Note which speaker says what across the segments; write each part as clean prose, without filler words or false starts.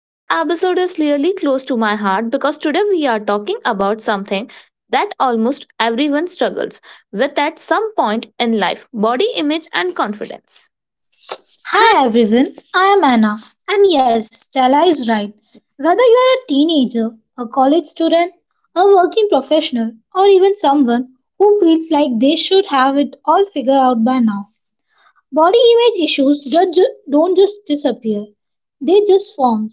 Speaker 1: This episode is really close to my heart because today we are talking about something that almost everyone struggles with at some point in life body image and confidence.
Speaker 2: Hi everyone, I am Anna, and yes, Stella is right. Whether you are a teenager, a college student, a working professional, or even someone who feels like they should have it all figured out by now, body image issues don't just disappear, they just form.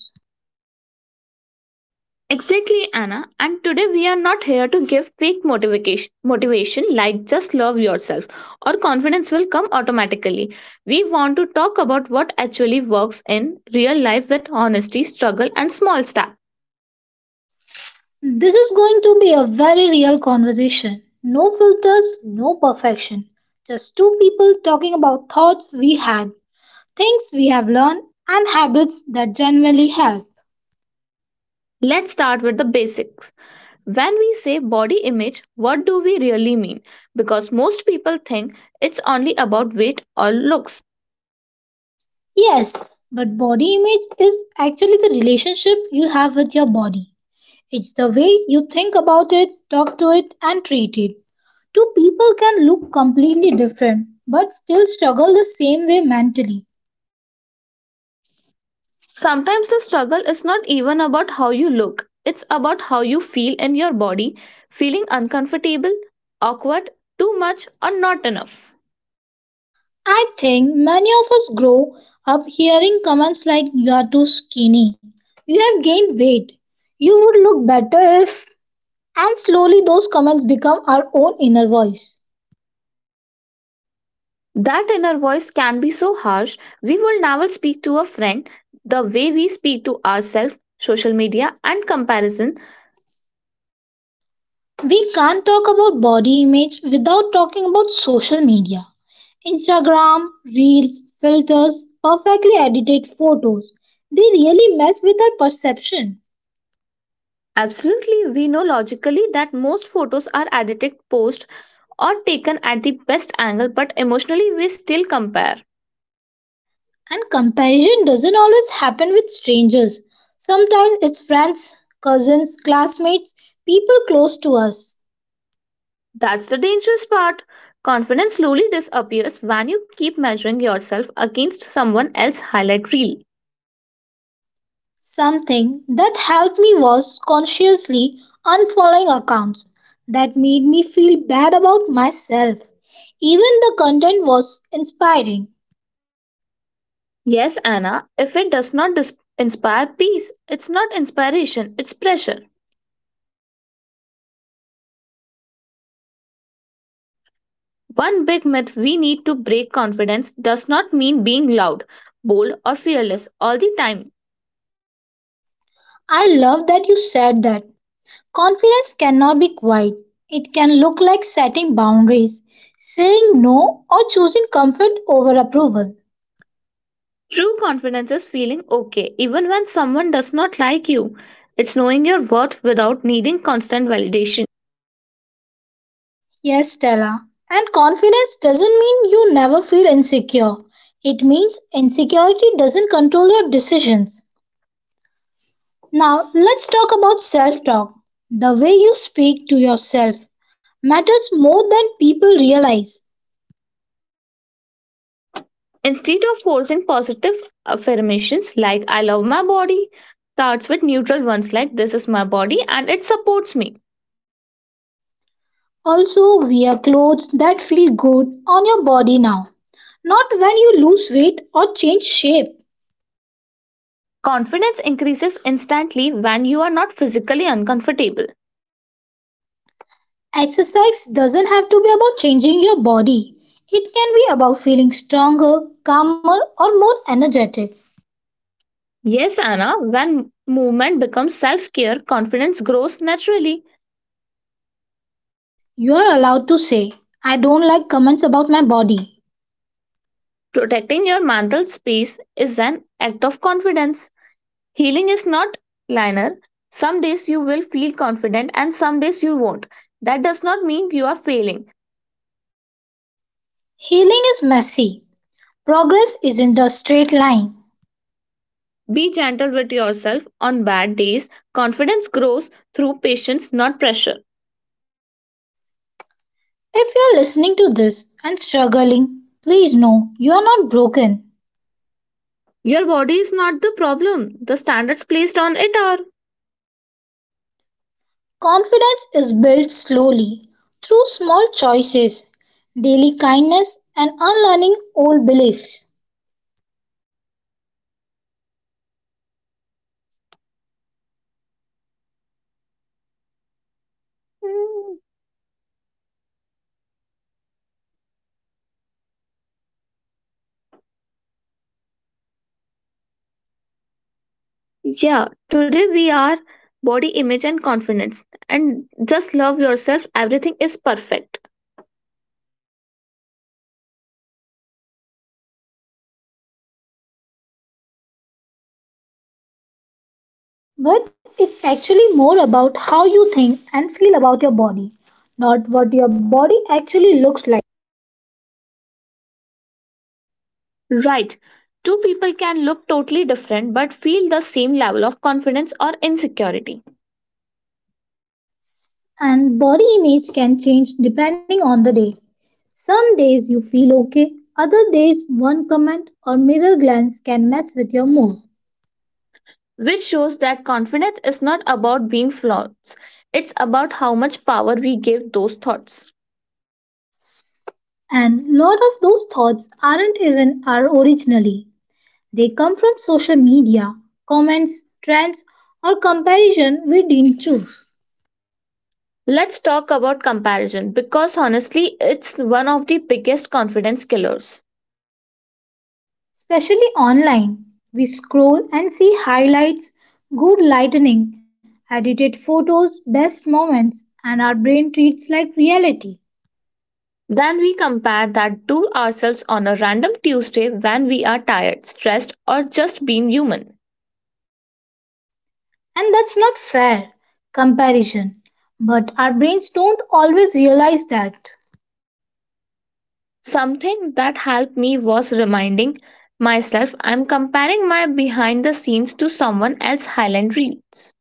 Speaker 1: Exactly, Anna. And today we are not here to give fake motivation, motivation like just love yourself or confidence will come automatically. We want to talk about what actually works in real life with honesty, struggle, and small steps.
Speaker 2: This is going to be a very real conversation. No filters, no perfection. Just two people talking about thoughts we had, things we have learned, and habits that genuinely help.
Speaker 1: Let's start with the basics. When we say body image, what do we really mean? Because most people think it's only about weight or looks.
Speaker 2: Yes, but body image is actually the relationship you have with your body. It's the way you think about it, talk to it, and treat it. Two people can look completely different but still struggle the same way mentally.
Speaker 1: Sometimes the struggle is not even about how you look, it's about how you feel in your body, feeling uncomfortable, awkward, too much, or not enough.
Speaker 2: I think many of us grow up hearing comments like, "You are too skinny, you have gained weight, you would look better if." And slowly those comments become our own inner voice.
Speaker 1: That inner voice can be so harsh, we will never speak to a friend the way we speak to ourselves, social media, and comparison.
Speaker 2: We can't talk about body image without talking about social media. Instagram, reels, filters, perfectly edited photos. They really mess with our perception.
Speaker 1: Absolutely, we know logically that most photos are edited, posted, or taken at the best angle, but emotionally, we still compare.
Speaker 2: And comparison doesn't always happen with strangers. Sometimes it's friends, cousins, classmates, people close to us.
Speaker 1: That's the dangerous part. Confidence slowly disappears when you keep measuring yourself against someone else's highlight reel.
Speaker 2: Something that helped me was consciously unfollowing accounts that made me feel bad about myself. Even the content was inspiring.
Speaker 1: Yes, Anna, if it does not inspire peace, it's not inspiration, it's pressure. One big myth we need to break confidence does not mean being loud, bold, or fearless all the time.
Speaker 2: I love that you said that. Confidence cannot be quiet, it can look like setting boundaries, saying no, or choosing comfort over approval.
Speaker 1: True confidence is feeling okay even when someone does not like you. It's knowing your worth without needing constant validation.
Speaker 2: Yes, Stella. And confidence doesn't mean you never feel insecure. It means insecurity doesn't control your decisions. Now, let's talk about self talk. The way you speak to yourself matters more than people realize.
Speaker 1: Instead of forcing positive affirmations like I love my body, starts with neutral ones like this is my body and it supports me.
Speaker 2: Also, wear clothes that feel good on your body now, not when you lose weight or change shape.
Speaker 1: Confidence increases instantly when you are not physically uncomfortable.
Speaker 2: Exercise doesn't have to be about changing your body, it can be about feeling stronger, calmer, or more energetic.
Speaker 1: Yes, Anna, when movement becomes self care, confidence grows naturally.
Speaker 2: You are allowed to say, "I don't like comments about my body."
Speaker 1: Protecting your mental space is an act of confidence. Healing is not linear. Some days you will feel confident and some days you won't. That does not mean you are failing.
Speaker 2: Healing is messy, progress isn't a straight line.
Speaker 1: Be gentle with yourself on bad days. Confidence grows through patience, not pressure.
Speaker 2: If you're listening to this and struggling, please know you are not broken.
Speaker 1: Your body is not the problem, the standards placed on it are.
Speaker 2: Confidence is built slowly through small choices, daily kindness, and unlearning old beliefs.
Speaker 1: Mm, Yeah, today we are body image and confidence. And just love yourself, everything is perfect.
Speaker 2: But it's actually more about how you think and feel about your body, not what your body actually looks like.
Speaker 1: Right. Two people can look totally different but feel the same level of confidence or insecurity,
Speaker 2: And body image can change depending on the day. Some days you feel okay, other days, one comment or mirror glance can mess with your mood.
Speaker 1: which shows that confidence is not about being flawless, it's about how much power we give those thoughts.
Speaker 2: And lot of those thoughts aren't even our originally. They come from social media, comments, trends, or comparison we didn't choose.
Speaker 1: Let's talk about comparison because honestly, it's one of the biggest confidence killers.
Speaker 2: Especially online, we scroll and see highlights, good lighting, edited photos, best moments, and our brain treats like reality.
Speaker 1: Then we compare that to ourselves on a random Tuesday when we are tired, stressed, or just being human.
Speaker 2: And that's not fair comparison. But our brains don't always realize that.
Speaker 1: Something that helped me was reminding myself I'm comparing my behind the scenes to someone else's highlight reels.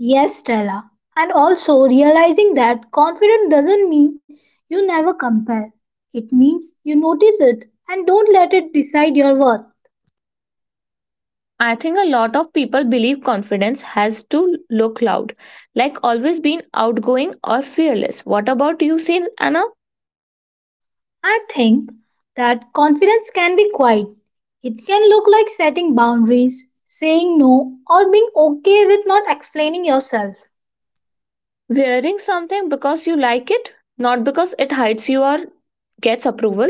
Speaker 2: Yes, Stella. And also realizing that confidence doesn't mean you never compare. It means you notice it and don't let it decide your worth.
Speaker 1: I think a lot of people believe confidence has to look loud, like always being outgoing or fearless. What about you, Sin Anna?
Speaker 2: I think that confidence can be quiet. It can look like setting boundaries, saying no, or being okay with not explaining yourself.
Speaker 1: Wearing something because you like it, not because it hides you or gets approval.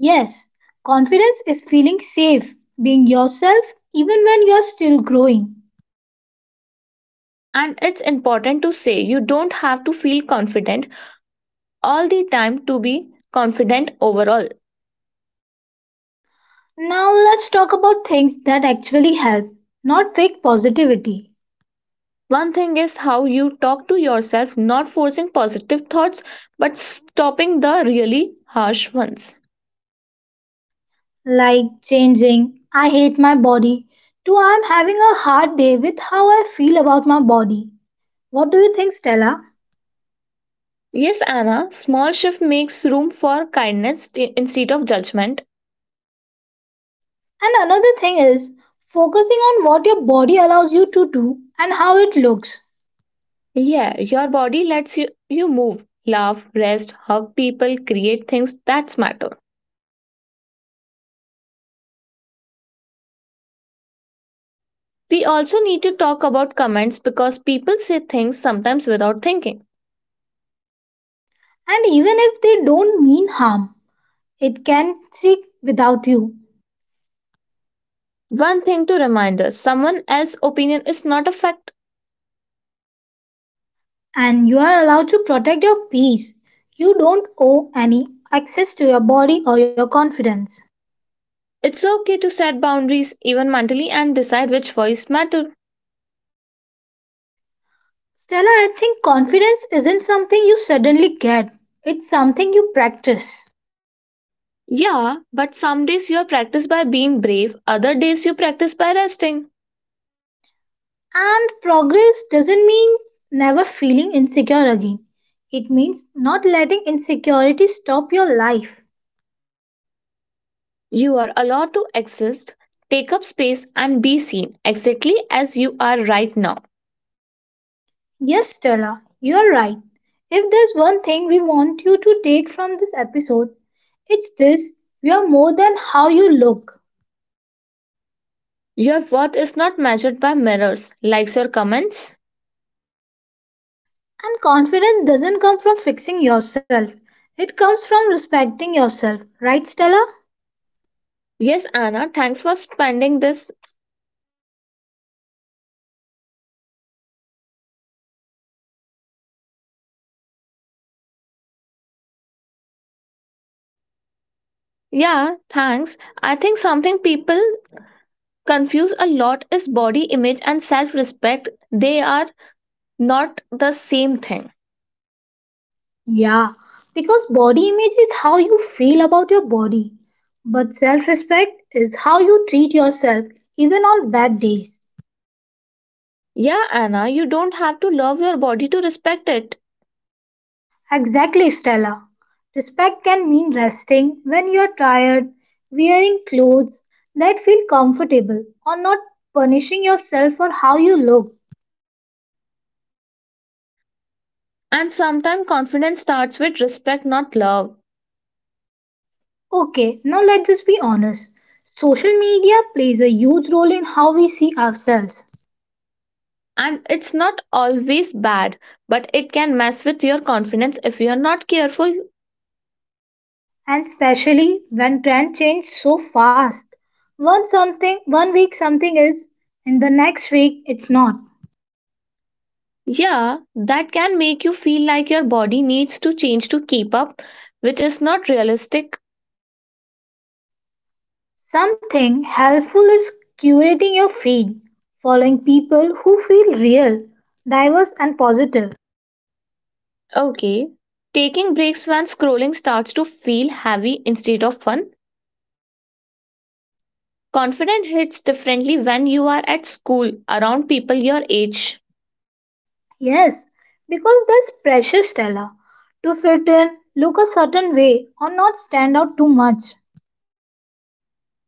Speaker 2: Yes, confidence is feeling safe, being yourself even when you are still growing.
Speaker 1: And it's important to say you don't have to feel confident all the time to be confident overall.
Speaker 2: Now let's talk about things that actually help, not fake positivity,
Speaker 1: One thing is how you talk to yourself, not forcing positive thoughts but stopping the really harsh ones.
Speaker 2: like changing "I hate my body" to "I'm having a hard day with how I feel about my body." What do you think, Stella?
Speaker 1: Yes, Anna, small shift makes room for kindness instead of judgment.
Speaker 2: And another thing is focusing on what your body allows you to do and how it looks.
Speaker 1: Yeah, your body lets you, you move, laugh, rest, hug people, create things that matter. We also need to talk about comments because people say things sometimes without thinking.
Speaker 2: And even if they don't mean harm, it can stick without you.
Speaker 1: One thing to remind us someone else's opinion is not a fact.
Speaker 2: And you are allowed to protect your peace. You don't owe any access to your body or your confidence.
Speaker 1: It's okay to set boundaries, even mentally, and decide which voice matter.
Speaker 2: Stella, I think confidence isn't something you suddenly get, it's something you practice.
Speaker 1: Yeah, but some days you are practiced by being brave, other days you practice by resting.
Speaker 2: And progress doesn't mean never feeling insecure again, it means not letting insecurity stop your life.
Speaker 1: You are allowed to exist, take up space, and be seen exactly as you are right now.
Speaker 2: Yes, Stella, you're right. If there's one thing we want you to take from this episode, it's this: you are more than how you look.
Speaker 1: Your worth is not measured by mirrors, likes or comments.
Speaker 2: And confidence doesn't come from fixing yourself, it comes from respecting yourself. Right, Stella?
Speaker 1: Yes, Anna, thanks for spending this. Yeah, thanks. I think something people confuse a lot is body image and self respect. They are not the same thing.
Speaker 2: Yeah, because body image is how you feel about your body, but self respect is how you treat yourself even on bad days.
Speaker 1: Yeah, Anna, you don't have to love your body to respect it.
Speaker 2: Exactly, Stella. Respect can mean resting when you're tired, wearing clothes that feel comfortable, or not punishing yourself for how you look.
Speaker 1: And sometimes confidence starts with respect, not love.
Speaker 2: Okay, now let's just be honest. Social media plays a huge role in how we see ourselves.
Speaker 1: And it's not always bad, but it can mess with your confidence if you're not careful.
Speaker 2: And especially when trend change so fast, one something one week, something is and the next week it's not.
Speaker 1: Yeah, that can make you feel like your body needs to change to keep up, which is not realistic.
Speaker 2: Something helpful is curating your feed, following people who feel real, diverse and positive.
Speaker 1: Okay. Taking breaks when scrolling starts to feel heavy instead of fun. Confidence hits differently when you are at school around people your age.
Speaker 2: Yes, because there's pressure, Stella, to fit in, look a certain way, or not stand out too much.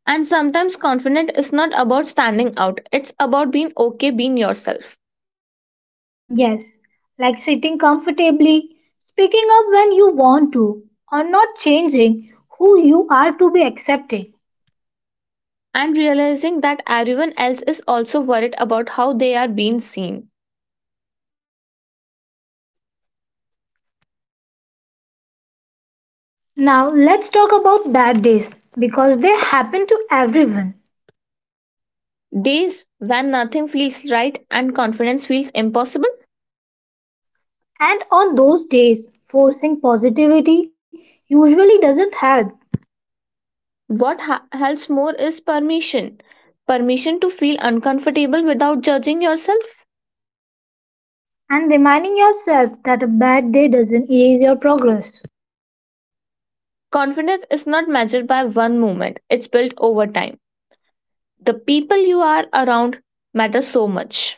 Speaker 1: And sometimes confidence is not about standing out, it's about being okay being yourself
Speaker 2: Yes, like sitting comfortably, speaking up when you want to, or not changing who you are to be accepted.
Speaker 1: and realizing that everyone else is also worried about how they are being seen.
Speaker 2: Now, let's talk about bad days because they happen to everyone.
Speaker 1: Days when nothing feels right and confidence feels impossible,
Speaker 2: And on those days, forcing positivity usually doesn't help.
Speaker 1: helps more is permission. Permission to feel uncomfortable without judging yourself.
Speaker 2: And reminding yourself that a bad day doesn't erase your progress.
Speaker 1: Confidence is not measured by one moment, it's built over time. The people you are around matter so much.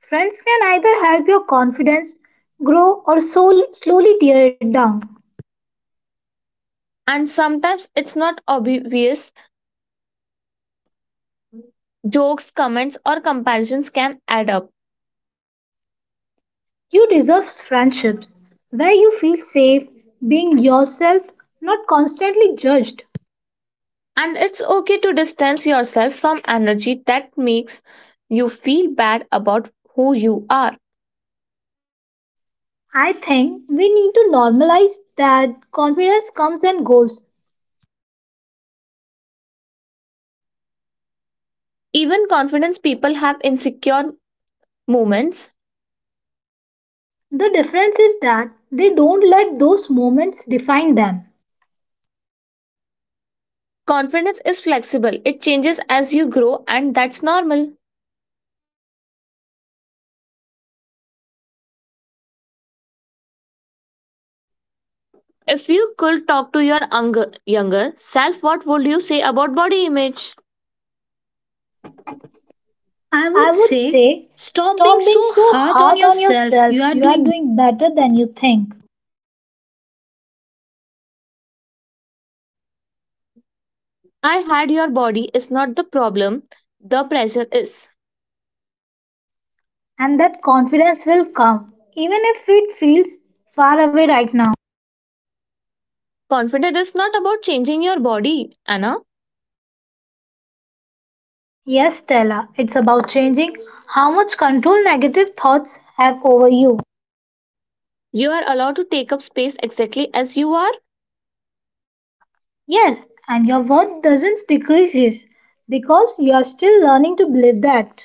Speaker 2: Friends can either help your confidence grow or slowly tear it down.
Speaker 1: And sometimes it's not obvious. Jokes, comments, or comparisons can add up.
Speaker 2: You deserve friendships where you feel safe being yourself, not constantly judged.
Speaker 1: And it's okay to distance yourself from energy that makes you feel bad about who you are.
Speaker 2: I think we need to normalize that confidence comes and goes.
Speaker 1: Even confidence people have insecure moments.
Speaker 2: The difference is that they don't let those moments define them.
Speaker 1: Confidence is flexible, it changes as you grow, and that's normal. If you could talk to your younger self, what would you say about body image? I
Speaker 2: I
Speaker 1: would
Speaker 2: would
Speaker 1: say
Speaker 2: say
Speaker 1: stop being
Speaker 2: stop being
Speaker 1: so
Speaker 2: so
Speaker 1: hard on
Speaker 2: hard on
Speaker 1: yourself.
Speaker 2: yourself,
Speaker 1: You are
Speaker 2: you are
Speaker 1: doing.
Speaker 2: doing better than you think.
Speaker 1: I had your body is not the problem, the pressure is.
Speaker 2: And that confidence will come, even if it feels far away right now.
Speaker 1: Confidence is not about changing your body, Anna.
Speaker 2: Yes, Stella, it's about changing how much control negative thoughts have over you.
Speaker 1: You are allowed to take up space exactly as you are.
Speaker 2: Yes, and your worth doesn't decreases because you are still learning to believe that.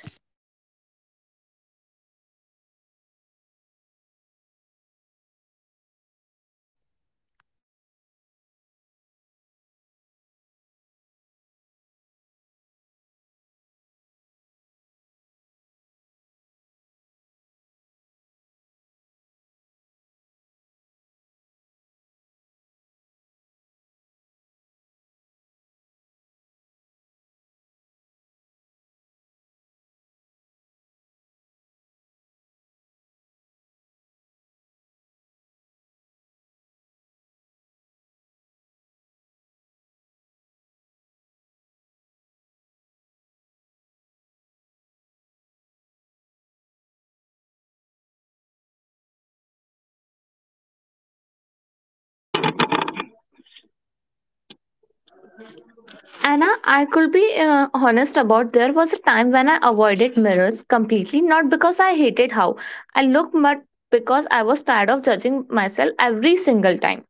Speaker 1: Anna, I could be honest about there was a time when I avoided mirrors completely, not because I hated how I looked, but because I was tired of judging myself every single time.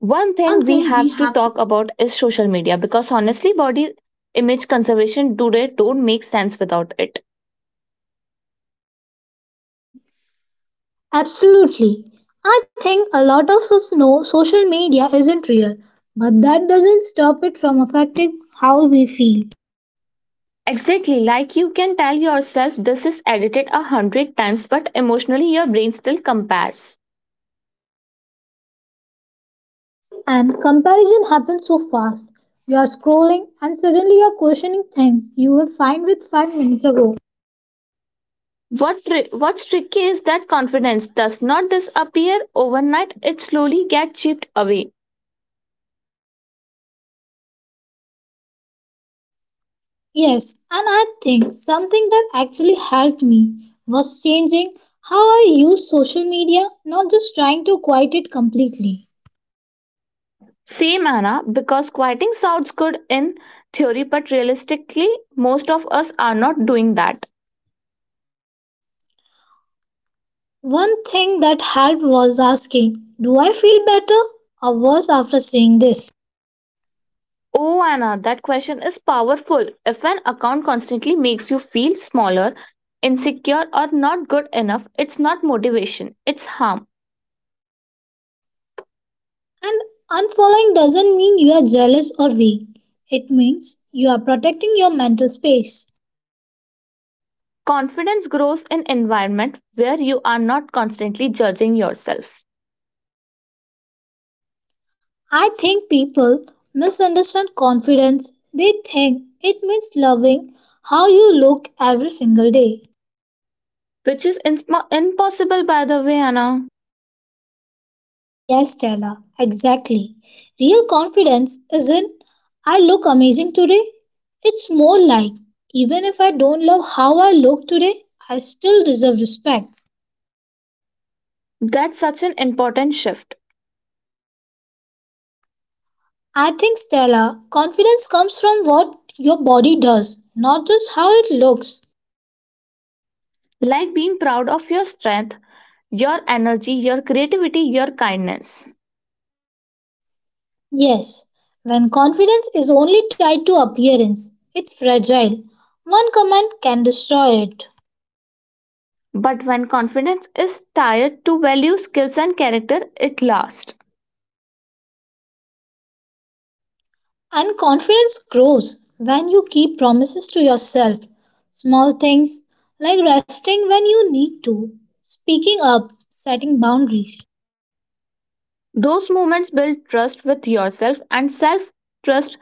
Speaker 1: One
Speaker 2: One
Speaker 1: thing we
Speaker 2: thing we
Speaker 1: have to
Speaker 2: have.
Speaker 1: talk about is social media because honestly, body image conservation today don't make sense without it.
Speaker 2: Absolutely. I think a lot of us know social media isn't real, but that doesn't stop it from affecting how we feel.
Speaker 1: Exactly, like you can tell yourself this is edited a hundred times, but emotionally your brain still compares.
Speaker 2: And comparison happens so fast. You are scrolling and suddenly you are questioning things you were fine with 5 minutes ago.
Speaker 1: What's tricky is that confidence does not disappear overnight, it slowly gets chipped away.
Speaker 2: Yes, and I think something that actually helped me was changing how I use social media, not just trying to quiet it completely.
Speaker 1: Same Anna, because quieting sounds good in theory, but realistically, most of us are not doing that.
Speaker 2: One thing that helped was asking, "Do I feel better or worse after seeing this?"
Speaker 1: Oh Anna, that question is powerful. If an account constantly makes you feel smaller, insecure, or not good enough, it's not motivation, it's harm.
Speaker 2: And unfollowing doesn't mean you are jealous or weak, it means you are protecting your mental space.
Speaker 1: Confidence grows in environment where you are not constantly judging yourself.
Speaker 2: I think people misunderstand confidence, they think it means loving how you look every single day.
Speaker 1: which is in- Impossible by the way, Anna.
Speaker 2: Yes, Stella, exactly. Real confidence isn't, "I look amazing today." It's more like, "Even if I don't love how I look today, I still deserve respect."
Speaker 1: That's such an important shift,
Speaker 2: I think, Stella, confidence comes from what your body does, not just how it looks.
Speaker 1: like being proud of your strength, your energy, your creativity, your kindness,
Speaker 2: Yes, when confidence is only tied to appearance, it's fragile. One comment can destroy it.
Speaker 1: but when confidence is tied to value skills and character, it lasts.
Speaker 2: And confidence grows when you keep promises to yourself. Small things like resting when you need to, speaking up, setting boundaries.
Speaker 1: Those moments build trust with yourself, and self trust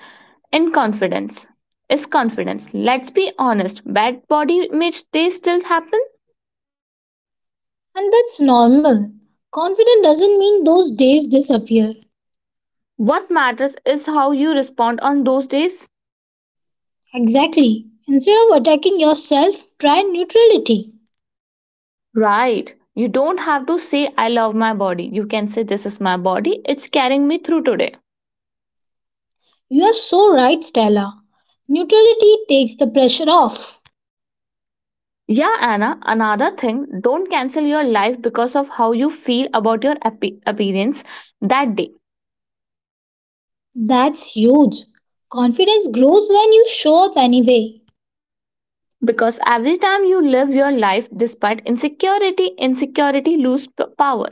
Speaker 1: in confidence is confidence. Let's be honest, bad body image days still happen.
Speaker 2: And that's normal. Confidence doesn't mean those days disappear.
Speaker 1: What matters is how you respond on those days.
Speaker 2: Exactly. Instead of attacking yourself, try neutrality.
Speaker 1: Right. You don't have to say, I love my body. You can say, This is my body. It's carrying me through today.
Speaker 2: You are so right, Stella. Neutrality takes the pressure off.
Speaker 1: Yeah, Anna, another thing, don't cancel your life because of how you feel about your appearance that day.
Speaker 2: That's huge. Confidence grows when you show up anyway.
Speaker 1: Because every time you live your life despite insecurity, insecurity power.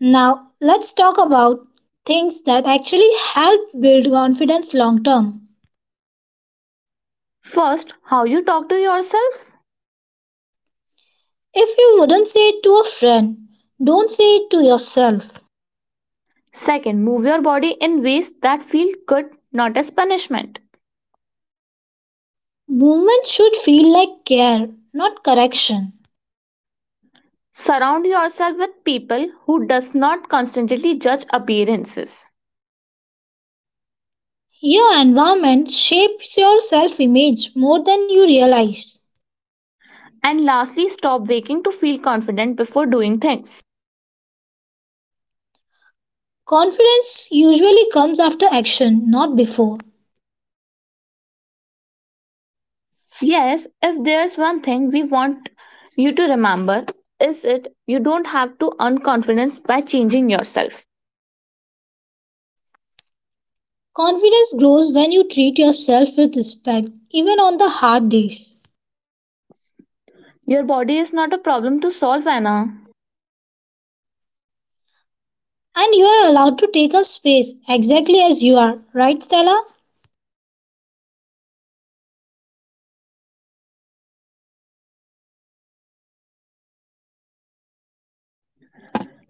Speaker 2: Now, let's talk about things that actually help build confidence long term.
Speaker 1: First, how you talk to yourself.
Speaker 2: If you wouldn't say it to a friend, don't say it to yourself.
Speaker 1: Second, move your body in ways that feel good, not as punishment.
Speaker 2: Movement should feel like care, not correction.
Speaker 1: Surround yourself with people who does not constantly judge appearances.
Speaker 2: Your environment shapes your self image more than you realize.
Speaker 1: And lastly, stop waiting to feel confident before doing things.
Speaker 2: Confidence usually comes after action, not before.
Speaker 1: Yes, if there's one thing we want you to remember is it you don't have to earn confidence by changing yourself.
Speaker 2: Confidence grows when you treat yourself with respect, even on the hard days.
Speaker 1: Your body is not a problem to solve, Anna.
Speaker 2: And you are allowed to take up space exactly as you are, right, Stella?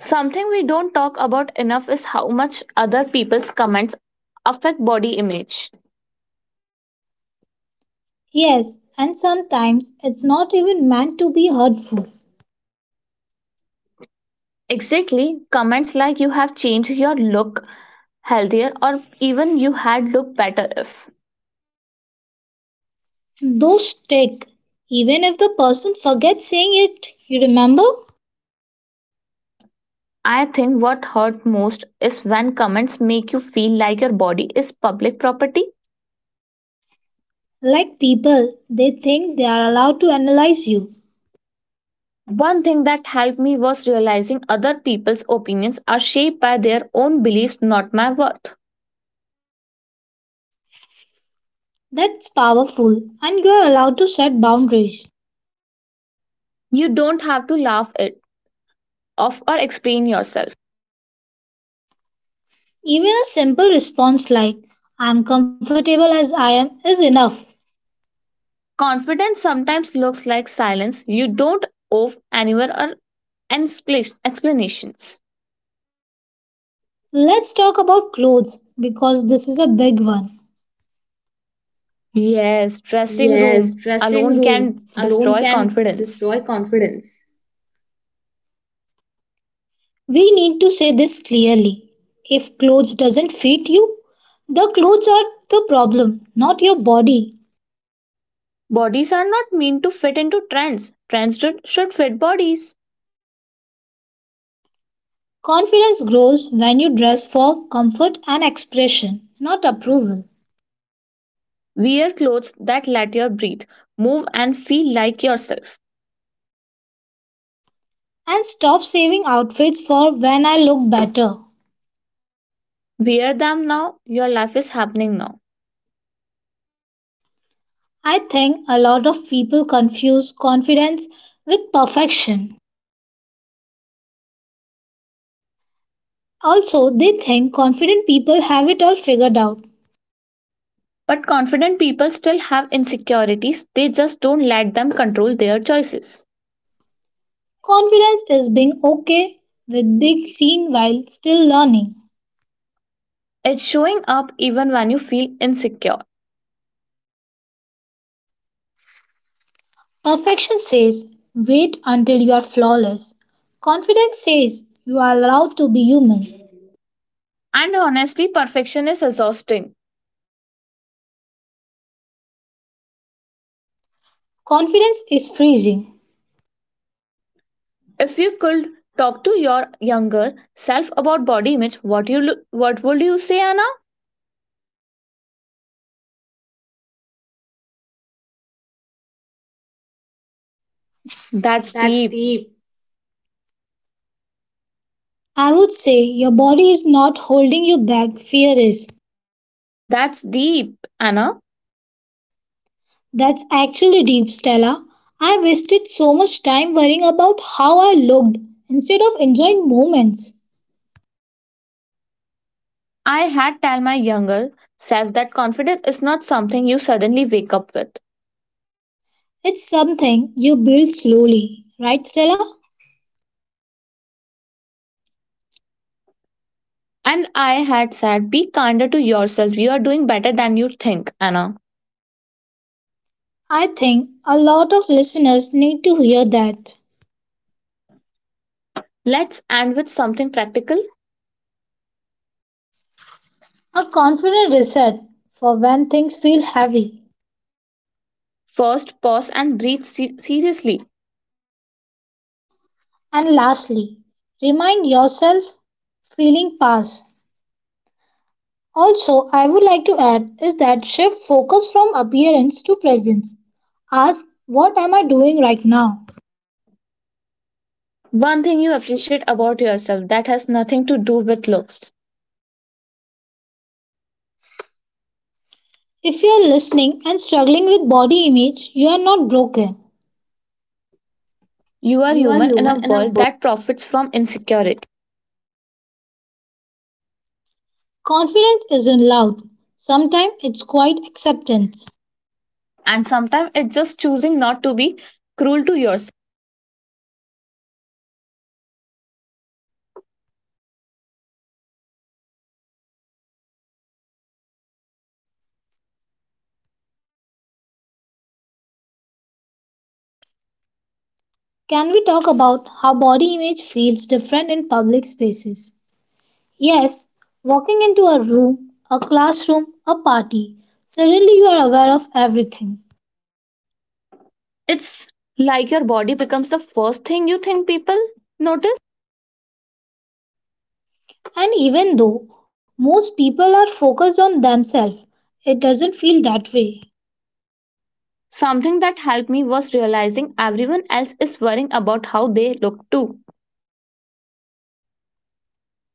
Speaker 1: Something we don't talk about enough is how much other people's comments affect body image.
Speaker 2: Yes, and sometimes it's not even meant to be hurtful.
Speaker 1: Exactly, comments like you have changed your look healthier or even you had looked better if.
Speaker 2: Those stick, even if the person forgets saying it, you remember?
Speaker 1: I think what hurt most is when comments make you feel like your body is public property.
Speaker 2: Like people, they think they are allowed to analyze you.
Speaker 1: One thing that helped me was realizing other people's opinions are shaped by their own beliefs, not my worth.
Speaker 2: That's powerful, and you are allowed to set boundaries.
Speaker 1: You don't have to laugh it off or explain yourself.
Speaker 2: Even a simple response like, "I'm comfortable as I am," is enough.
Speaker 1: Confidence sometimes looks like silence. You don't owe anyone or explanations.
Speaker 2: Let's talk about clothes because this is a big one.
Speaker 1: Yes, dressing room alone can destroy confidence.
Speaker 2: We need to say this clearly. If clothes doesn't fit you, the clothes are the problem, not your body.
Speaker 1: Bodies are not meant to fit into trends. Trends should fit bodies.
Speaker 2: Confidence grows when you dress for comfort and expression, not approval.
Speaker 1: Wear clothes that let you breathe, move, and feel like yourself.
Speaker 2: And stop saving outfits for when I look better.
Speaker 1: Wear them now, your life is happening now.
Speaker 2: I think a lot of people confuse confidence with perfection. Also, they think confident people have it all figured out.
Speaker 1: But confident people still have insecurities, they just don't let them control their choices.
Speaker 2: Confidence is being okay with being seen while still learning.
Speaker 1: It's showing up even when you feel insecure.
Speaker 2: Perfection says, wait until you are flawless. Confidence says, you are allowed to be human.
Speaker 1: And honestly, perfection is exhausting.
Speaker 2: Confidence is freezing.
Speaker 1: If you could talk to your younger self about body image, what would you say, Anna? That's
Speaker 2: That's
Speaker 1: deep.
Speaker 2: deep. I would say your body is not holding you back, fear is.
Speaker 1: That's deep, Anna.
Speaker 2: That's actually deep, Stella. I wasted so much time worrying about how I looked instead of enjoying moments.
Speaker 1: I had tell my younger self that confidence is not something you suddenly wake up with.
Speaker 2: It's something you build slowly, right, Stella?
Speaker 1: And I had said, be kinder to yourself. You are doing better than you think, Anna.
Speaker 2: I think a lot of listeners need to hear that.
Speaker 1: Let's end with something practical.
Speaker 2: A confident reset for when things feel heavy.
Speaker 1: First, pause and breathe seriously.
Speaker 2: And lastly, remind yourself feeling pass. Also, I would like to add is that shift focus from appearance to presence. Ask what am I doing right now?
Speaker 1: One thing you appreciate about yourself that has nothing to do with looks.
Speaker 2: If you are listening and struggling with body image, you are not broken.
Speaker 1: You are human in a world that profits from insecurity.
Speaker 2: Confidence isn't loud. Sometimes it's quiet acceptance.
Speaker 1: And sometimes it's just choosing not to be cruel to yourself.
Speaker 2: Can we talk about how body image feels different in public spaces? Yes, walking into a room, a classroom, a party, suddenly you are aware of everything.
Speaker 1: It's like your body becomes the first thing you think people notice.
Speaker 2: And even though most people are focused on themselves, it doesn't feel that way.
Speaker 1: Something that helped me was realizing everyone else is worrying about how they look too.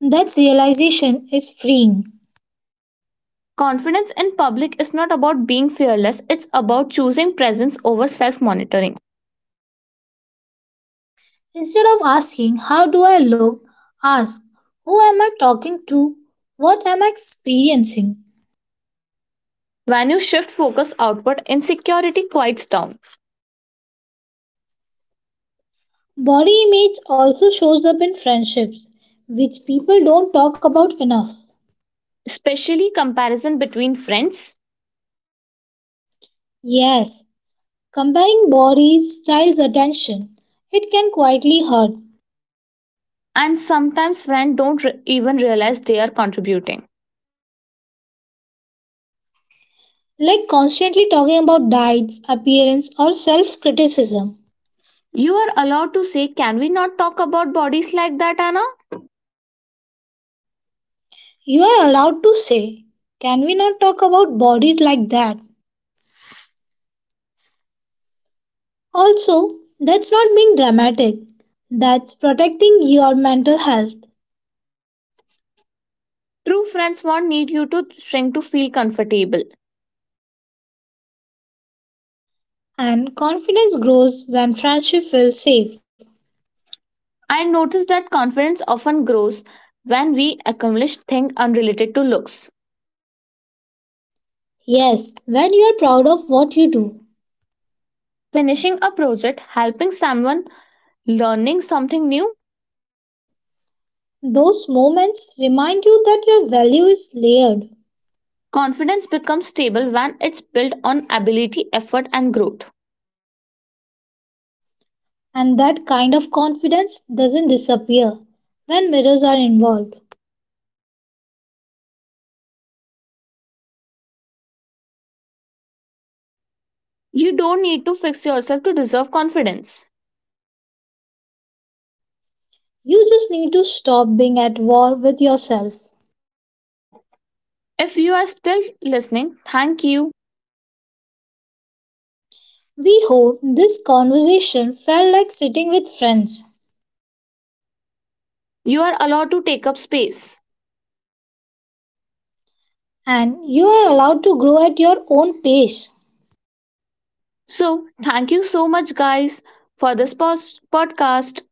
Speaker 2: That realization is freeing.
Speaker 1: Confidence in public is not about being fearless, it's about choosing presence over self monitoring.
Speaker 2: Instead of asking, "How do I look?" ask, "Who am I talking to? What am I experiencing?"
Speaker 1: When you shift focus outward, insecurity quiets down,
Speaker 2: Body image also shows up in friendships, which people don't talk about enough.
Speaker 1: especially comparison between friends,
Speaker 2: Yes, comparing body styles attention, it can quietly hurt,
Speaker 1: and sometimes friends don't re- even realize they are contributing.
Speaker 2: like constantly talking about diets, appearance, or self criticism.
Speaker 1: You are allowed to say, Can we not talk about bodies like that, Anna?
Speaker 2: You are allowed to say, "Can we not talk about bodies like that?" Also, that's not being dramatic, that's protecting your mental health.
Speaker 1: True friends won't need you to shrink to feel comfortable.
Speaker 2: And confidence grows when friendship feels safe.
Speaker 1: I noticed that confidence often grows when we accomplish things unrelated to looks.
Speaker 2: Yes, when you are proud of what you do,
Speaker 1: Finishing a project, helping someone, learning something new,
Speaker 2: those moments remind you that your value is layered.
Speaker 1: confidence becomes stable when it's built on ability, effort, and growth.
Speaker 2: And that kind of confidence doesn't disappear when mirrors are involved.
Speaker 1: You don't need to fix yourself to deserve confidence.
Speaker 2: You just need to stop being at war with yourself.
Speaker 1: If you are still listening, thank you.
Speaker 2: We hope this conversation felt like sitting with friends,
Speaker 1: You are allowed to take up space.
Speaker 2: and you are allowed to grow at your own pace.
Speaker 1: So, thank you so much, guys, for this podcast.